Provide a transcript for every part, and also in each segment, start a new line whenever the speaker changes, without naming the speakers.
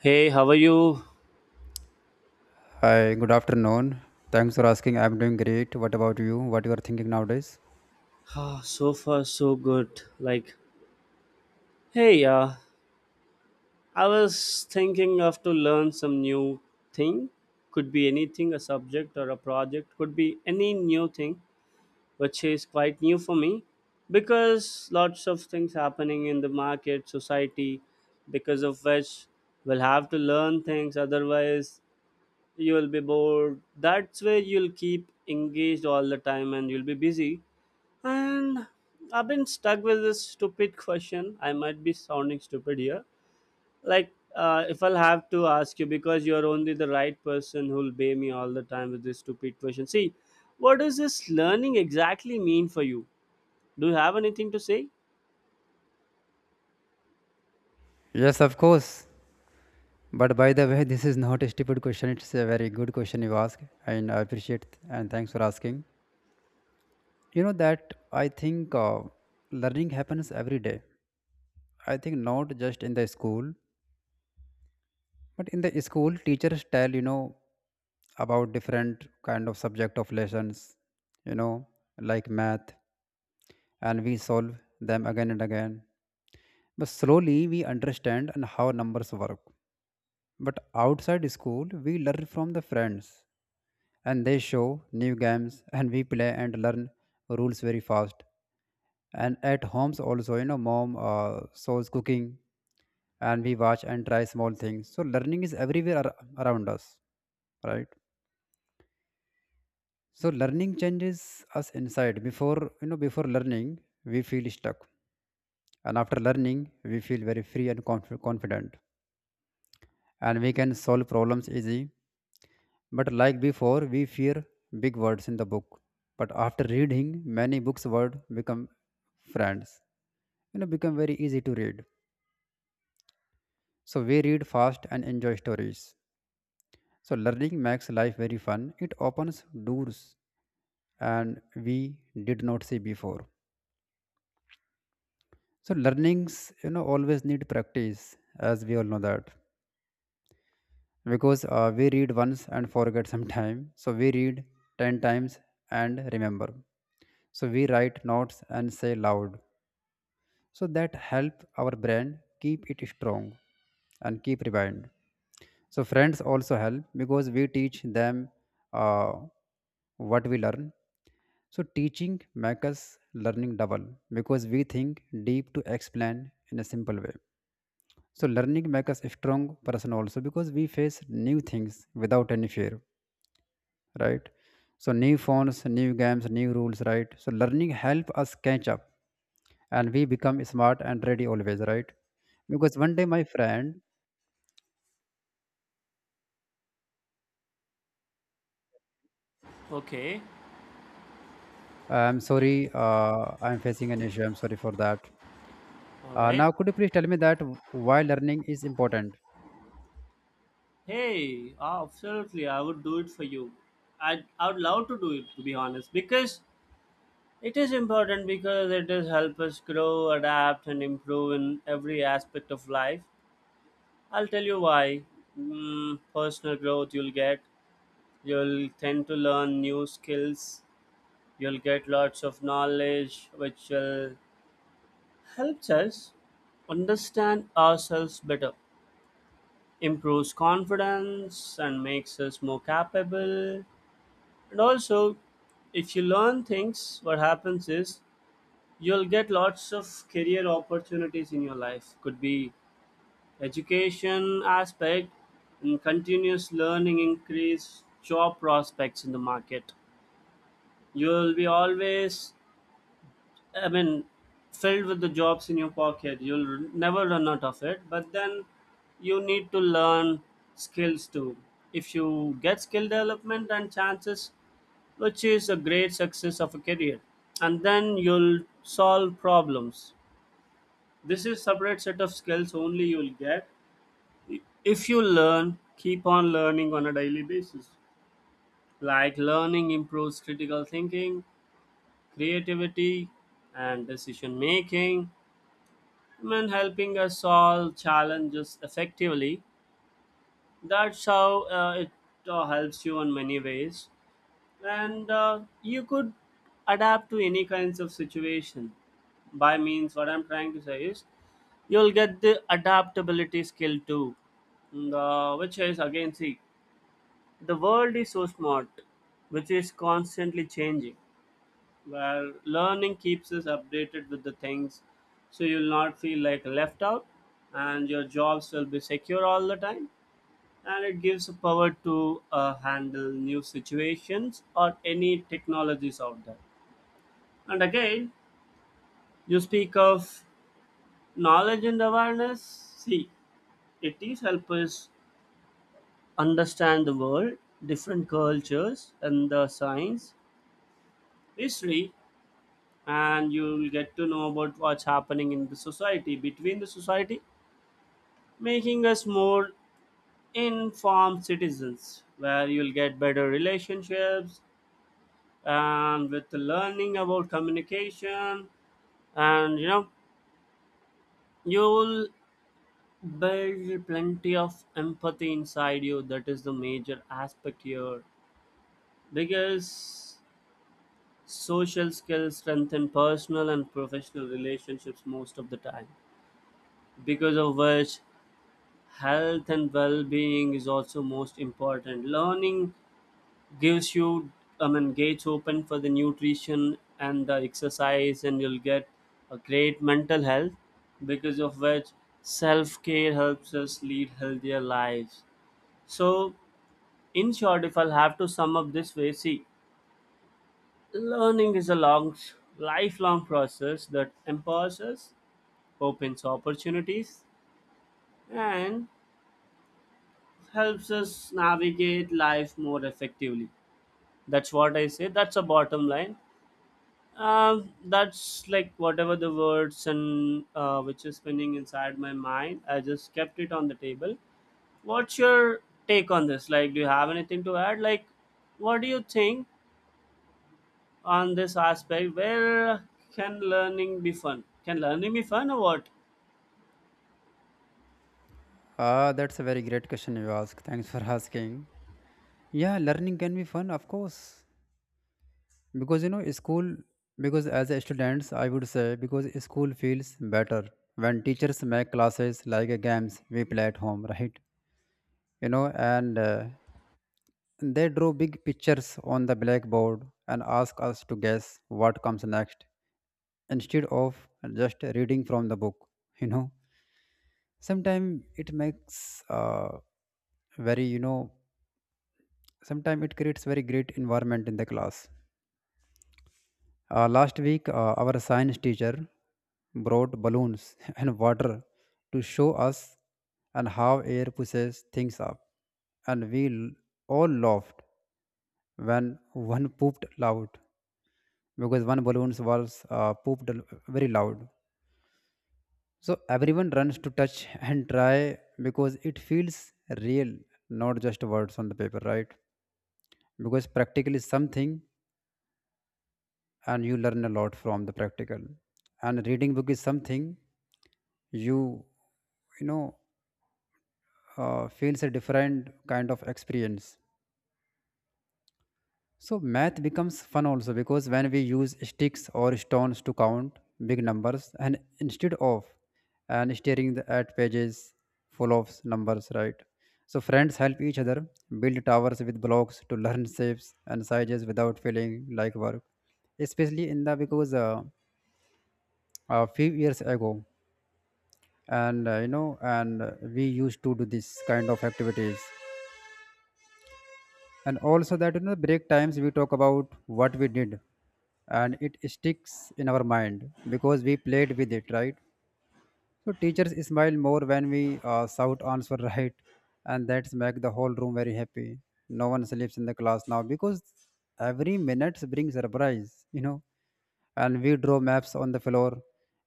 Hey, how are you?
Hi, good afternoon. Thanks for asking. I'm doing great. What about you? What you are thinking nowadays?
Ah, so far, so good. Like, hey, I was thinking of to learn some new thing. Could be anything, a subject or a project. Could be any new thing, which is quite new for me, because lots of things happening in the market, society, because of which we'll have to learn things. Otherwise, you will be bored. That's where you'll keep engaged all the time, and you'll be busy. And I've been stuck with this stupid question. I might be sounding stupid here. Like, if I'll have to ask you, because you're only the right person who'll pay me all the time with this stupid question. See, what does this learning exactly mean for you? Do you have anything to say?
Yes, of course. But by the way, this is not a stupid question. It's a very good question you ask, and I appreciate it. And thanks for asking. You know that I think learning happens every day. I think not just in the school, but in the school, teachers tell about different kind of subject of lessons. You know, like math, and we solve them again and again. But slowly we understand and how numbers work. But outside school, we learn from the friends and they show new games and we play and learn rules very fast. And at homes also, mom shows cooking and we watch and try small things. So learning is everywhere around us, right? So learning changes us inside. Before learning, we feel stuck, and after learning, we feel very free and confident, and we can solve problems easy. But like before, we fear big words in the book. But after reading many books, word become friends. Become very easy to read. So we read fast and enjoy stories. So learning makes life very fun. It opens doors and we did not see before. So learnings, always need practice, as we all know that. Because we read once and forget sometime. So we read 10 times and remember. So we write notes and say loud, so that help our brand keep it strong and keep rewind. So friends also help because we teach them uh, what we learn. So teaching makes us learning double, because we think deep to explain in a simple way. So learning makes us a strong person also, because we face new things without any fear, right? So new phones, new games, new rules, right? So learning help us catch up, and we become smart and ready always, right? Because one day, my friend,
Okay,
I'm sorry, I'm facing an issue. I'm sorry for that.
all right.
Now could you please tell me that why learning is important?
Hey, absolutely, I would do it for you. I would love to do it, to be honest, because it is important because it does help us grow, adapt, and improve in every aspect of life. I'll tell you why. Personal growth you'll get. You'll tend to learn new skills. You'll get lots of knowledge, which will helps us understand ourselves better, improves confidence, and makes us more capable. And also, if you learn things, what happens is you'll get lots of career opportunities in your life. Could be education aspect, and continuous learning increase job prospects in the market. You'll be always, I mean, filled with the jobs in your pocket. You'll r- never run out of it, but then you need to learn skills too. If you get skill development and chances, which is a great success of a career, and then you'll solve problems. This is separate set of skills only you'll get if you learn, keep on learning on a daily basis. Like, learning improves critical thinking, creativity, and decision making. I mean, helping us solve challenges effectively. That's how it helps you in many ways. And you could adapt to any kinds of situation. By means, what I'm trying to say is, you'll get the adaptability skill too. And, which is again see. The world is so smart, which is constantly changing, where learning keeps us updated with the things, so you'll not feel like left out, and your jobs will be secure all the time. And it gives the power to handle new situations or any technologies out there. And again, you speak of knowledge and awareness. See, it is help us understand the world, different cultures, and the science, history, and you'll get to know about what's happening in the society, between the society, making us more informed citizens, where you'll get better relationships and with learning about communication, and you know, you'll build plenty of empathy inside you. That is the major aspect here, because social skills strengthen personal and professional relationships most of the time. Because of which, health and well-being is also most important. Learning gives you, I mean, gates open for the nutrition and the exercise, and you'll get a great mental health, because of which self-care helps us lead healthier lives. So in short, if I'll have to sum up this way, see, learning is a long lifelong process that empowers us, opens opportunities, and helps us navigate life more effectively. That's what I say. That's a bottom line. That's like whatever the words, and which is spinning inside my mind. I just kept it on the table. What's your take on this? Like, do you have anything to add? Like, what do you think on this aspect? Where can learning be fun? Can learning be fun or what?
Ah, that's a very great question you ask. Thanks for asking. Yeah, learning can be fun, of course. Because school, because as a students, I would say, because school feels better when teachers make classes like a games we play at home, right? you know and they draw big pictures on the blackboard and ask us to guess what comes next, instead of just reading from the book. you know Sometimes it makes very, sometimes it creates very great environment in the class. Last week, our science teacher brought balloons and water to show us and how air pushes things up, and we all laughed when one pooped loud, because one balloon was pooped very loud. So everyone runs to touch and try because it feels real, not just words on the paper, right? Because practically something, and you learn a lot from the practical. And reading book is something you you know feels a different kind of experience. So math becomes fun also because when we use sticks or stones to count big numbers, and instead of and staring at pages full of numbers, right? So friends help each other build towers with blocks to learn shapes and sizes without feeling like work, especially in the, because a few years ago, and we used to do this kind of activities. And also that break times we talk about what we did, and it sticks in our mind because we played with it, right? So teachers smile more when we shout answer, right? And that's make the whole room very happy. No one sleeps in the class now, because every minute brings surprise, you know. And we draw maps on the floor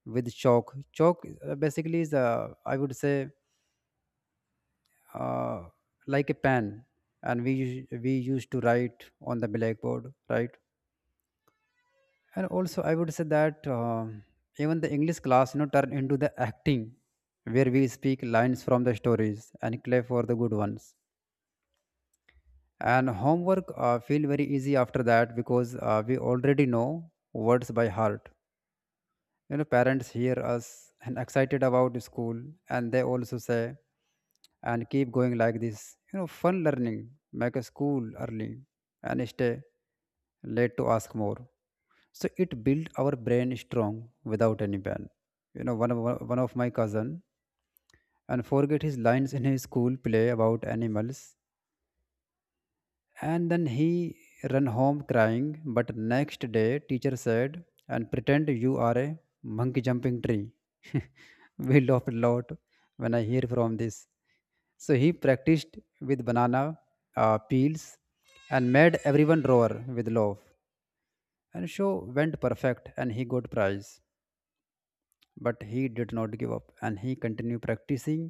with chalk. Chalk basically is, I would say, uh, like a pen, and we we used to write on the blackboard, right? And also I would say that even the english class turned into the acting, where we speak lines from the stories and play for the good ones. And homework feel very easy after that, because we already know words by heart. You know, parents hear us and excited about school, and they also say and keep going like this. You know, fun learning make a school early and stay late to ask more. So it built our brain strong without any pain. You know, one of my cousin and forget his lines in his school play about animals, and then he ran home crying. But next day teacher said and pretend you are a monkey jumping tree. We laughed a lot when I hear from this. So he practiced with banana peels and made everyone roar with love, and show went perfect and he got prize. But he did not give up and he continued practicing,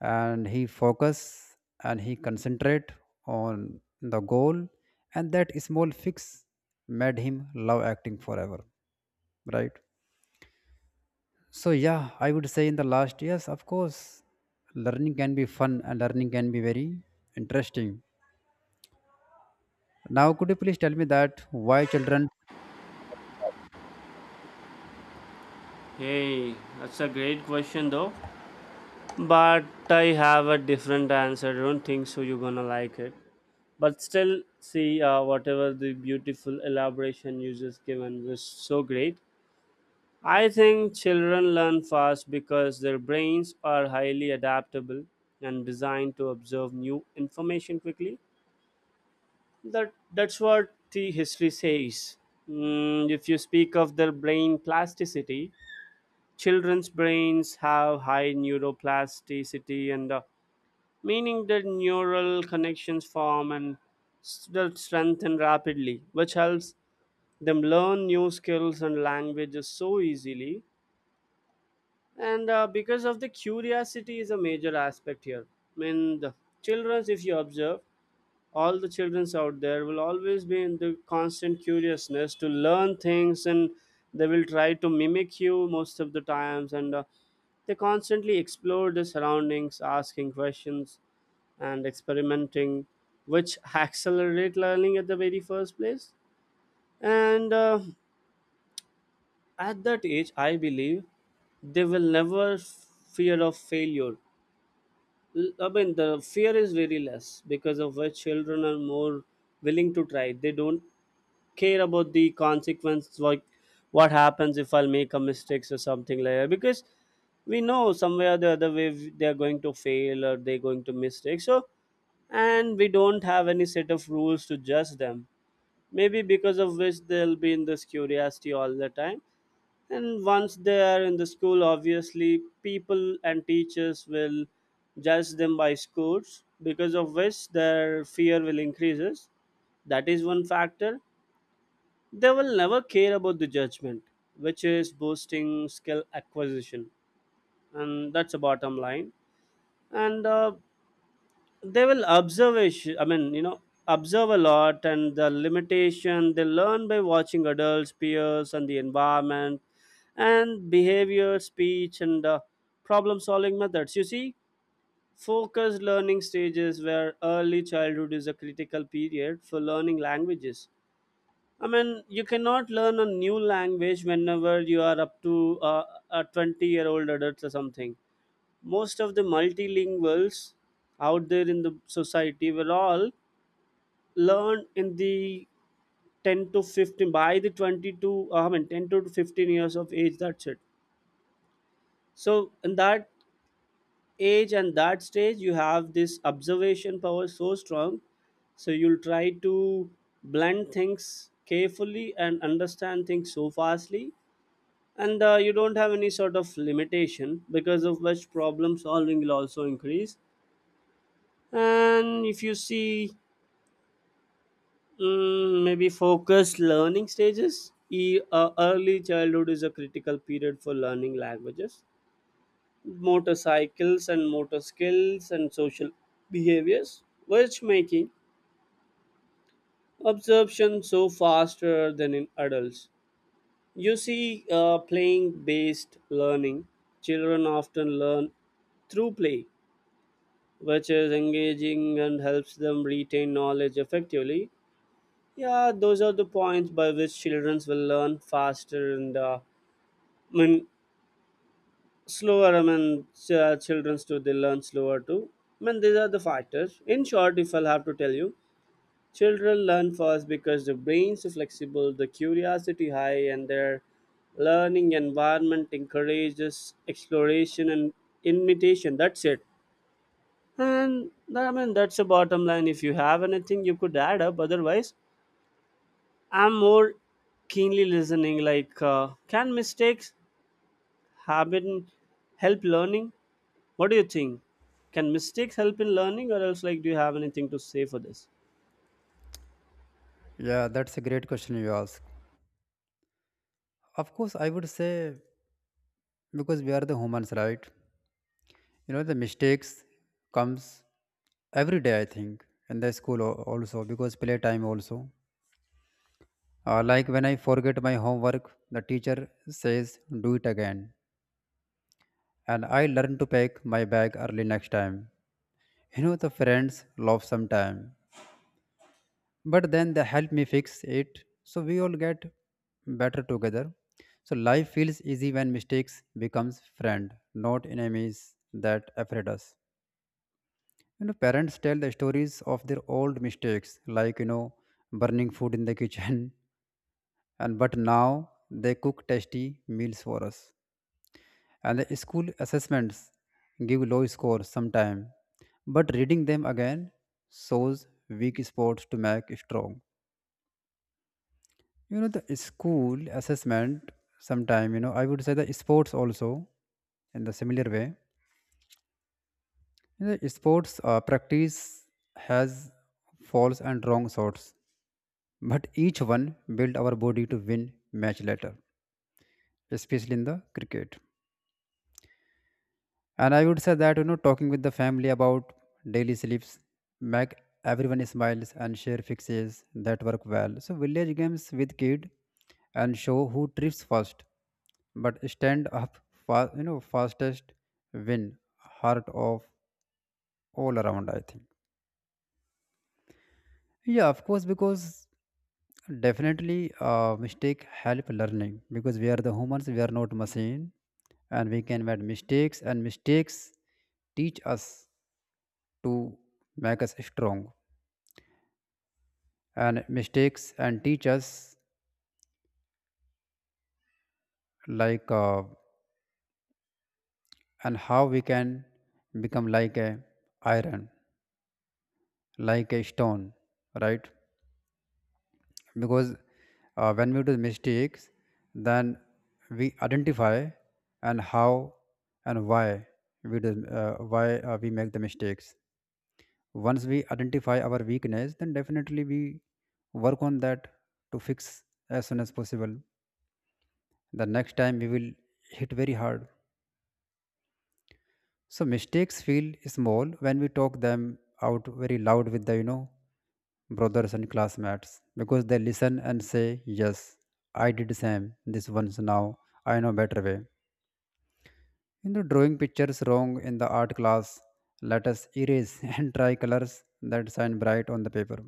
and he focus and he concentrate on the goal, and that small fix made him love acting forever, right? So yeah, I would say in the last years, of course, learning can be fun and learning can be very interesting. Now could you please tell me that why children?
Hey, that's a great question though. But I have a different answer. I don't think so. You're gonna like it. But still see, whatever the beautiful elaboration you just given was so great. I think children learn fast because their brains are highly adaptable and designed to absorb new information quickly. That's what the history says. If you speak of their brain plasticity, children's brains have high neuroplasticity, and meaning that neural connections form and s- strengthen rapidly, which helps them learn new skills and languages so easily. And because of the curiosity is a major aspect here. I mean, the children, if you observe, all the childrens out there will always be in the constant curiousness to learn things, and they will try to mimic you most of the times, and they constantly explore the surroundings, asking questions and experimenting, which accelerate learning at the very first place. And at that age I believe they will never fear of failure. I mean the fear is very less, because of which children are more willing to try. They don't care about the consequence, like what happens if I'll make a mistakes or something like that, because we know somewhere or the other way they're going to fail or they're going to mistake. So, and we don't have any set of rules to judge them, maybe because of which they'll be in this curiosity all the time. And once they are in the school, obviously people and teachers will judge them by scores, because of which their fear will increases. That is one factor. They will never care about the judgment, which is boosting skill acquisition, and that's a bottom line. And they will observe. I mean, you know, observe a lot, and the limitation they learn by watching adults, peers, and the environment, and behavior, speech, and problem-solving methods. You see, focused learning stages where early childhood is a critical period for learning languages. I mean, you cannot learn a new language whenever you are up to a 20-year-old adult or something. Most of the multilinguals out there in the society were all learned in the 10 to 15 by the 20 to, I mean, 10 to 15 years of age. That's it. So in that age and that stage, you have this observation power so strong. So you'll try to blend things carefully and understand things so fastly, and you don't have any sort of limitation, because of which problem solving will also increase. And if you see, maybe focused learning stages, early childhood is a critical period for learning languages, motor cycles and motor skills and social behaviors, which making absorption so faster than in adults. You see, playing based learning, children often learn through play, which is engaging and helps them retain knowledge effectively. Yeah, those are the points by which children will learn faster, and I mean slower. I mean, children too they learn slower too. I mean, these are the factors. In short, if I'll have to tell you, children learn fast because the brains are flexible, the curiosity high, and their learning environment encourages exploration and imitation. That's it. And I mean, that's the bottom line. If you have anything, you could add up. Otherwise, I'm more keenly listening. Like, can mistakes habit help learning? What do you think? Can mistakes help in learning, or else, like, do you have anything to say for this?
Yeah, that's a great question you ask. Of course, I would say, because we are the humans, right? You know, the mistakes comes every day, I think, in the school also, because playtime also. Like, when I forget my homework, the teacher says do it again, and I learn to pack my bag early next time. You know, the friends love sometime, but then they help me fix it. So we all get better together. So life feels easy when mistakes becomes friend, not enemies that afraid us. You know, parents tell the stories of their old mistakes, like, burning food in the kitchen, and but now they cook tasty meals for us. And the school assessments give low scores sometime, but reading them again shows weak spots to make strong. You know, the school assessment sometime, I would say the sports also in the similar way. In the sports practice has false and wrong shots. But each one build our body to win match later, especially in the cricket. And I would say that talking with the family about daily sleeps make everyone smiles and share fixes that work well. So village games with kid and show who trips first, but stand up fastest, win heart of all around, I think. Yeah, of course, because definitely, mistake help learning, because we are the humans, we are not machine, and we can make mistakes. And mistakes teach us to make us strong. And mistakes and teach us like, and how we can become like a iron, like a stone, right? Because when we do mistakes, then we identify and how and why we do, why we make the mistakes. Once we identify our weakness, then definitely we work on that to fix as soon as possible. The next time we will hit very hard. So mistakes feel small when we talk them out very loud with the, brothers and classmates, because they listen and say yes, I did same this once, now I know better way. You know, drawing pictures wrong in the art class let us erase and try colors that shine bright on the paper.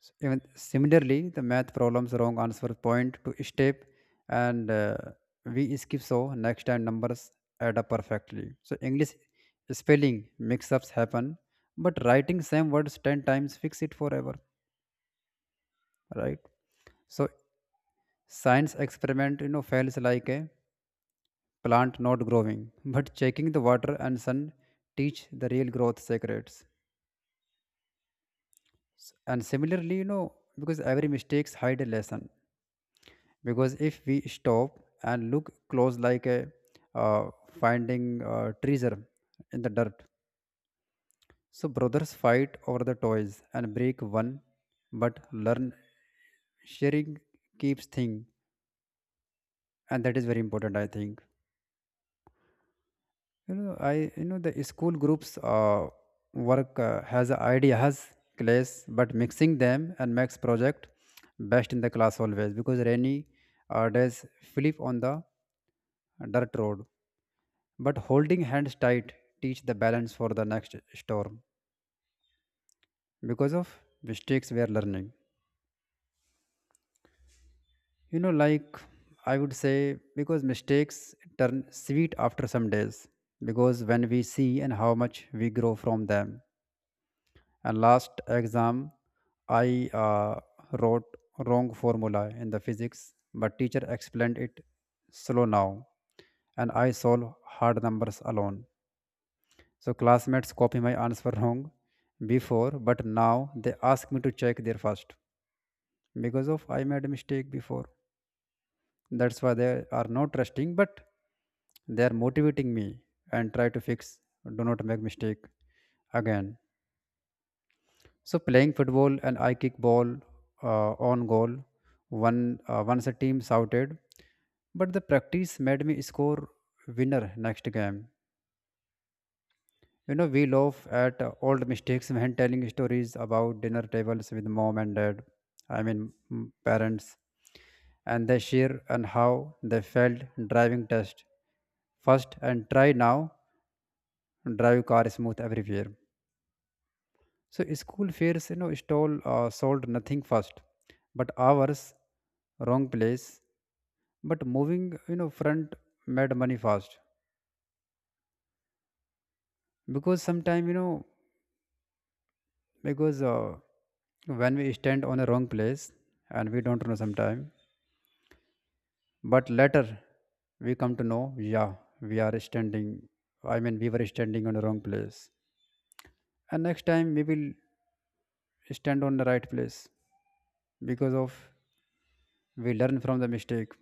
Even similarly, the math problems wrong answer point to step, and we skip, so next time numbers add up perfectly. So english spelling mix-ups happen, but writing same words 10 times fix it forever, right? So science experiment fails like a plant not growing, but checking the water and sun teach the real growth secrets. And similarly, you know, because every mistakes hide a lesson, because if we stop and look close, like a finding treasure in the dirt. So brothers fight over the toys and break one, but learn sharing keeps thing, and that is very important, I think. You know, the school groups work has a idea has class, but mixing them and makes project best in the class always, because rainy days flip on the dirt road. But holding hands tight teach the balance for the next storm, because of mistakes we are learning. You know, like I would say, because mistakes turn sweet after some days, because when we see and how much we grow from them. And last exam, I wrote wrong formula in the physics, but teacher explained it slow now, and I solve hard numbers alone. So classmates copy my answer wrong before, but now they ask me to check their first because of I made a mistake before. That's why they are not trusting, but they are motivating me and try to fix. Do not make mistake again. So playing football and I kick ball on goal. One once a team shouted, but the practice made me score winner next game. You know, we laugh at old mistakes when telling stories about dinner tables with mom and dad, parents, and they share and how they failed driving test first and try now, drive car smooth everywhere. So school fairs, you know, stall sold nothing first, but ours, wrong place. But moving, you know, front made money fast because sometime you know because when we stand on a wrong place and we don't know sometime, but later we come to know, yeah, we are standing, I mean we were standing on the wrong place, and next time we will stand on the right place because of we learn from the mistake.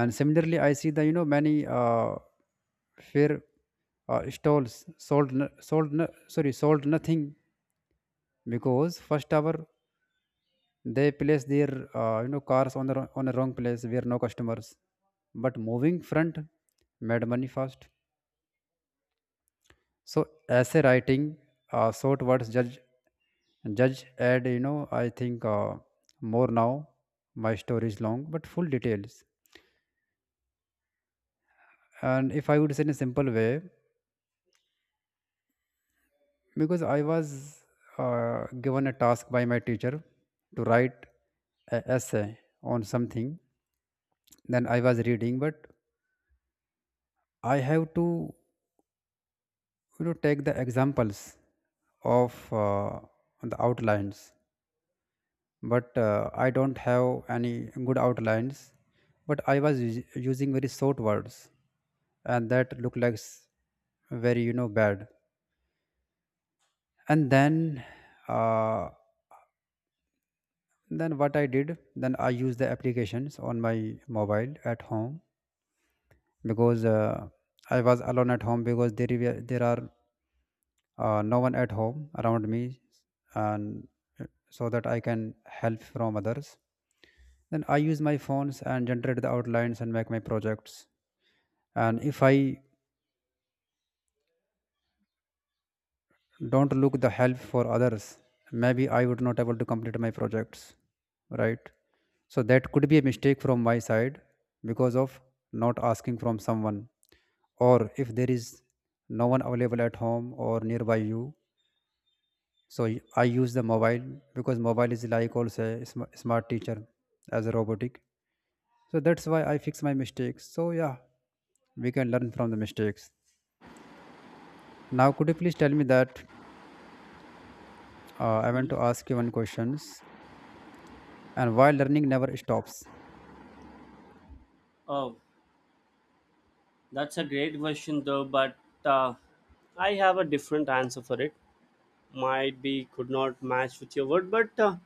And similarly I see the, you know, many fair stalls sold no- sorry sold nothing because first hour they place their you know cars on the on a wrong place where no customers, but moving front made money fast. So essay writing, short words judge judge add, you know, I think more now my story is long but full details. And if I would say in a simple way, because I was given a task by my teacher to write a essay on something, then I was reading, but I have to, you know, take the examples of the outlines, but I don't have any good outlines, but I was using very short words, and that look like very, you know, bad. And then uh, then what I did, then I used the applications on my mobile at home, because I was alone at home because there are no one at home around me. And so that I can help from others, then I use my phones and generate the outlines and make my projects. And if I don't look the help for others, maybe I would not able to complete my projects, right? So that could be a mistake from my side because of not asking from someone, or if there is no one available at home or nearby you. So I use the mobile, because mobile is like also a smart teacher, as a robotic. So that's why I fix my mistakes. So, yeah, we can learn from the mistakes. Now could you please tell me that, I want to ask you one questions, and why learning never stops?
Oh, that's a great question, though. But uh, I have a different answer for it. Might be could not match with your word, but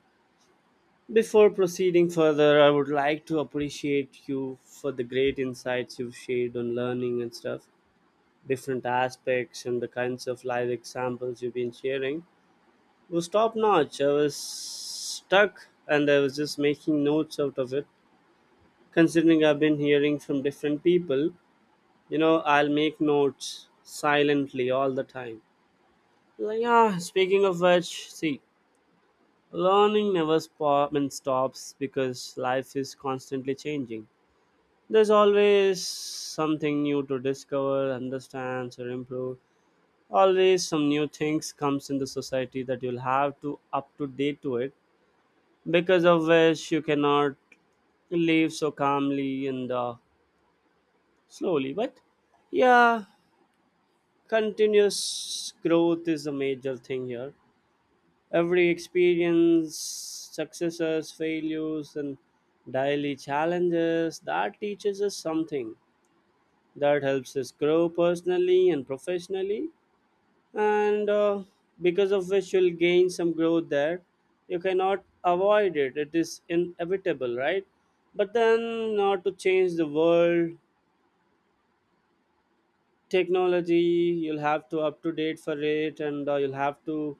before proceeding further, I would like to appreciate you for the great insights you've shared on learning and stuff, different aspects and the kinds of live examples you've been sharing. It was top notch. I was stuck and I was just making notes out of it. Considering I've been hearing from different people, you know, I'll make notes silently all the time. Like, yeah, speaking of which, see, learning never I mean, stops, because life is constantly changing. There's always something new to discover, understand, or improve. Always some new things comes in the society that you'll have to up to date to it, because of which you cannot live so calmly and slowly. But yeah, continuous growth is a major thing here. Every experience, successes, failures, and daily challenges that teaches us something, that helps us grow personally and professionally, and because of which you'll gain some growth there. You cannot avoid it, it is inevitable, right? But then, not to change the world, technology, you'll have to up to date for it, and you'll have to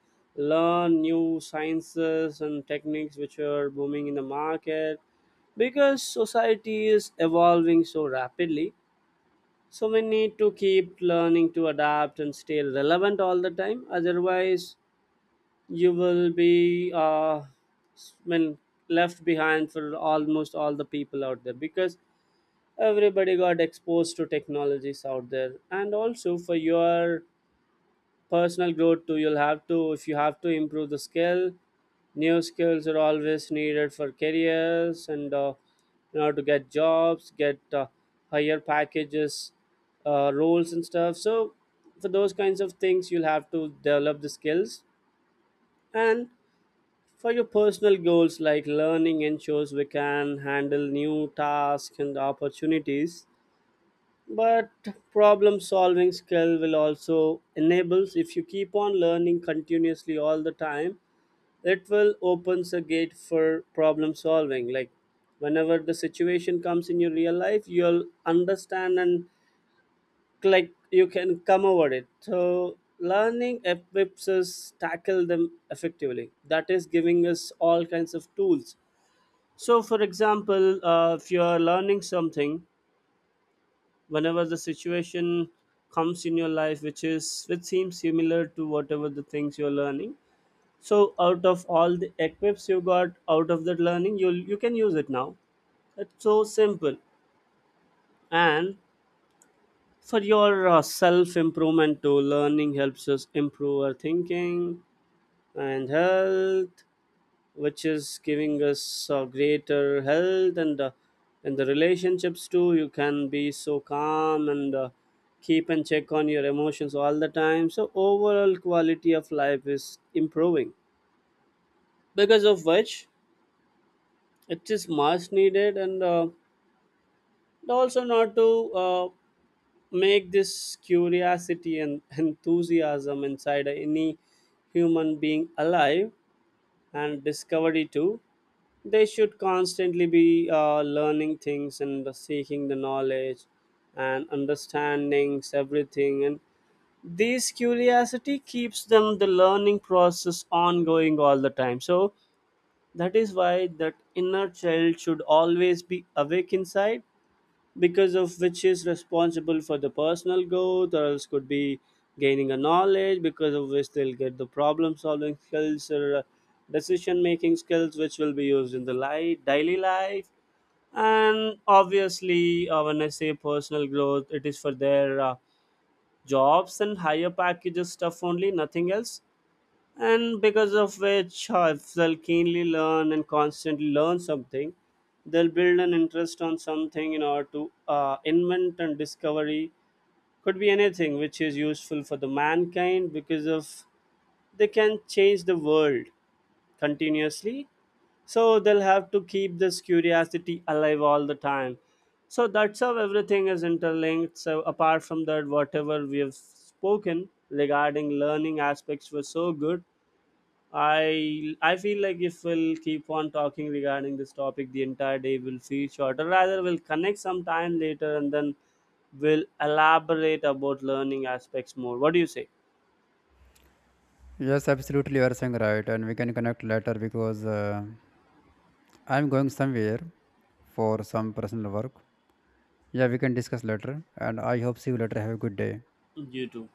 learn new sciences and techniques which are booming in the market, because society is evolving so rapidly. So we need to keep learning to adapt and stay relevant all the time. Otherwise, you will be when left behind for almost all the people out there, because everybody got exposed to technologies out there. And also, for your personal growth too, you'll have to, if you have to improve the skill, new skills are always needed for careers, and in order to get jobs, get higher packages, roles and stuff. So for those kinds of things, you'll have to develop the skills, and for your personal goals, like learning ensures we can handle new tasks and opportunities. But problem solving skill will also enables, if you keep on learning continuously all the time, it will opens a gate for problem solving. Like whenever the situation comes in your real life, you'll understand, and like you can come over it. So learning equips us tackle them effectively, that is giving us all kinds of tools. So for example, if you are learning something, whenever the situation comes in your life, which is, which seems similar to whatever the things you're learning, so out of all the equips you got out of that learning, you can use it now. It's so simple. And for your self improvement too, learning helps us improve our thinking and health, which is giving us greater health, and in the relationships too, you can be so calm and keep and check on your emotions all the time, so overall quality of life is improving, because of which it is much needed. And also not to make this curiosity and enthusiasm inside any human being alive, and discovery too. They should constantly be learning things and seeking the knowledge and understandings everything. And this curiosity keeps them the learning process ongoing all the time. So that is why that inner child should always be awake inside, because of which is responsible for the personal growth, or else could be gaining a knowledge, because of which they'll get the problem solving skills, or decision making skills, which will be used in the life daily life. And obviously, when I say personal growth, it is for their jobs and higher packages stuff only, nothing else. And because of which, if they'll keenly learn and constantly learn something, they'll build an interest on something in order to invent and discovery. Could be anything which is useful for the mankind, because of they can change the world continuously. So they'll have to keep this curiosity alive all the time. So that's how everything is interlinked. So apart from that, whatever we have spoken regarding learning aspects were so good. I feel like if we'll keep on talking regarding this topic, the entire day will feel shorter. Rather, we'll connect some time later, and then we'll elaborate about learning aspects more. What do you say?
Yes, absolutely, you are saying right, and we can connect later because I'm going somewhere for some personal work. Yeah, we can discuss later, and I hope see you later. Have a good day.
You too.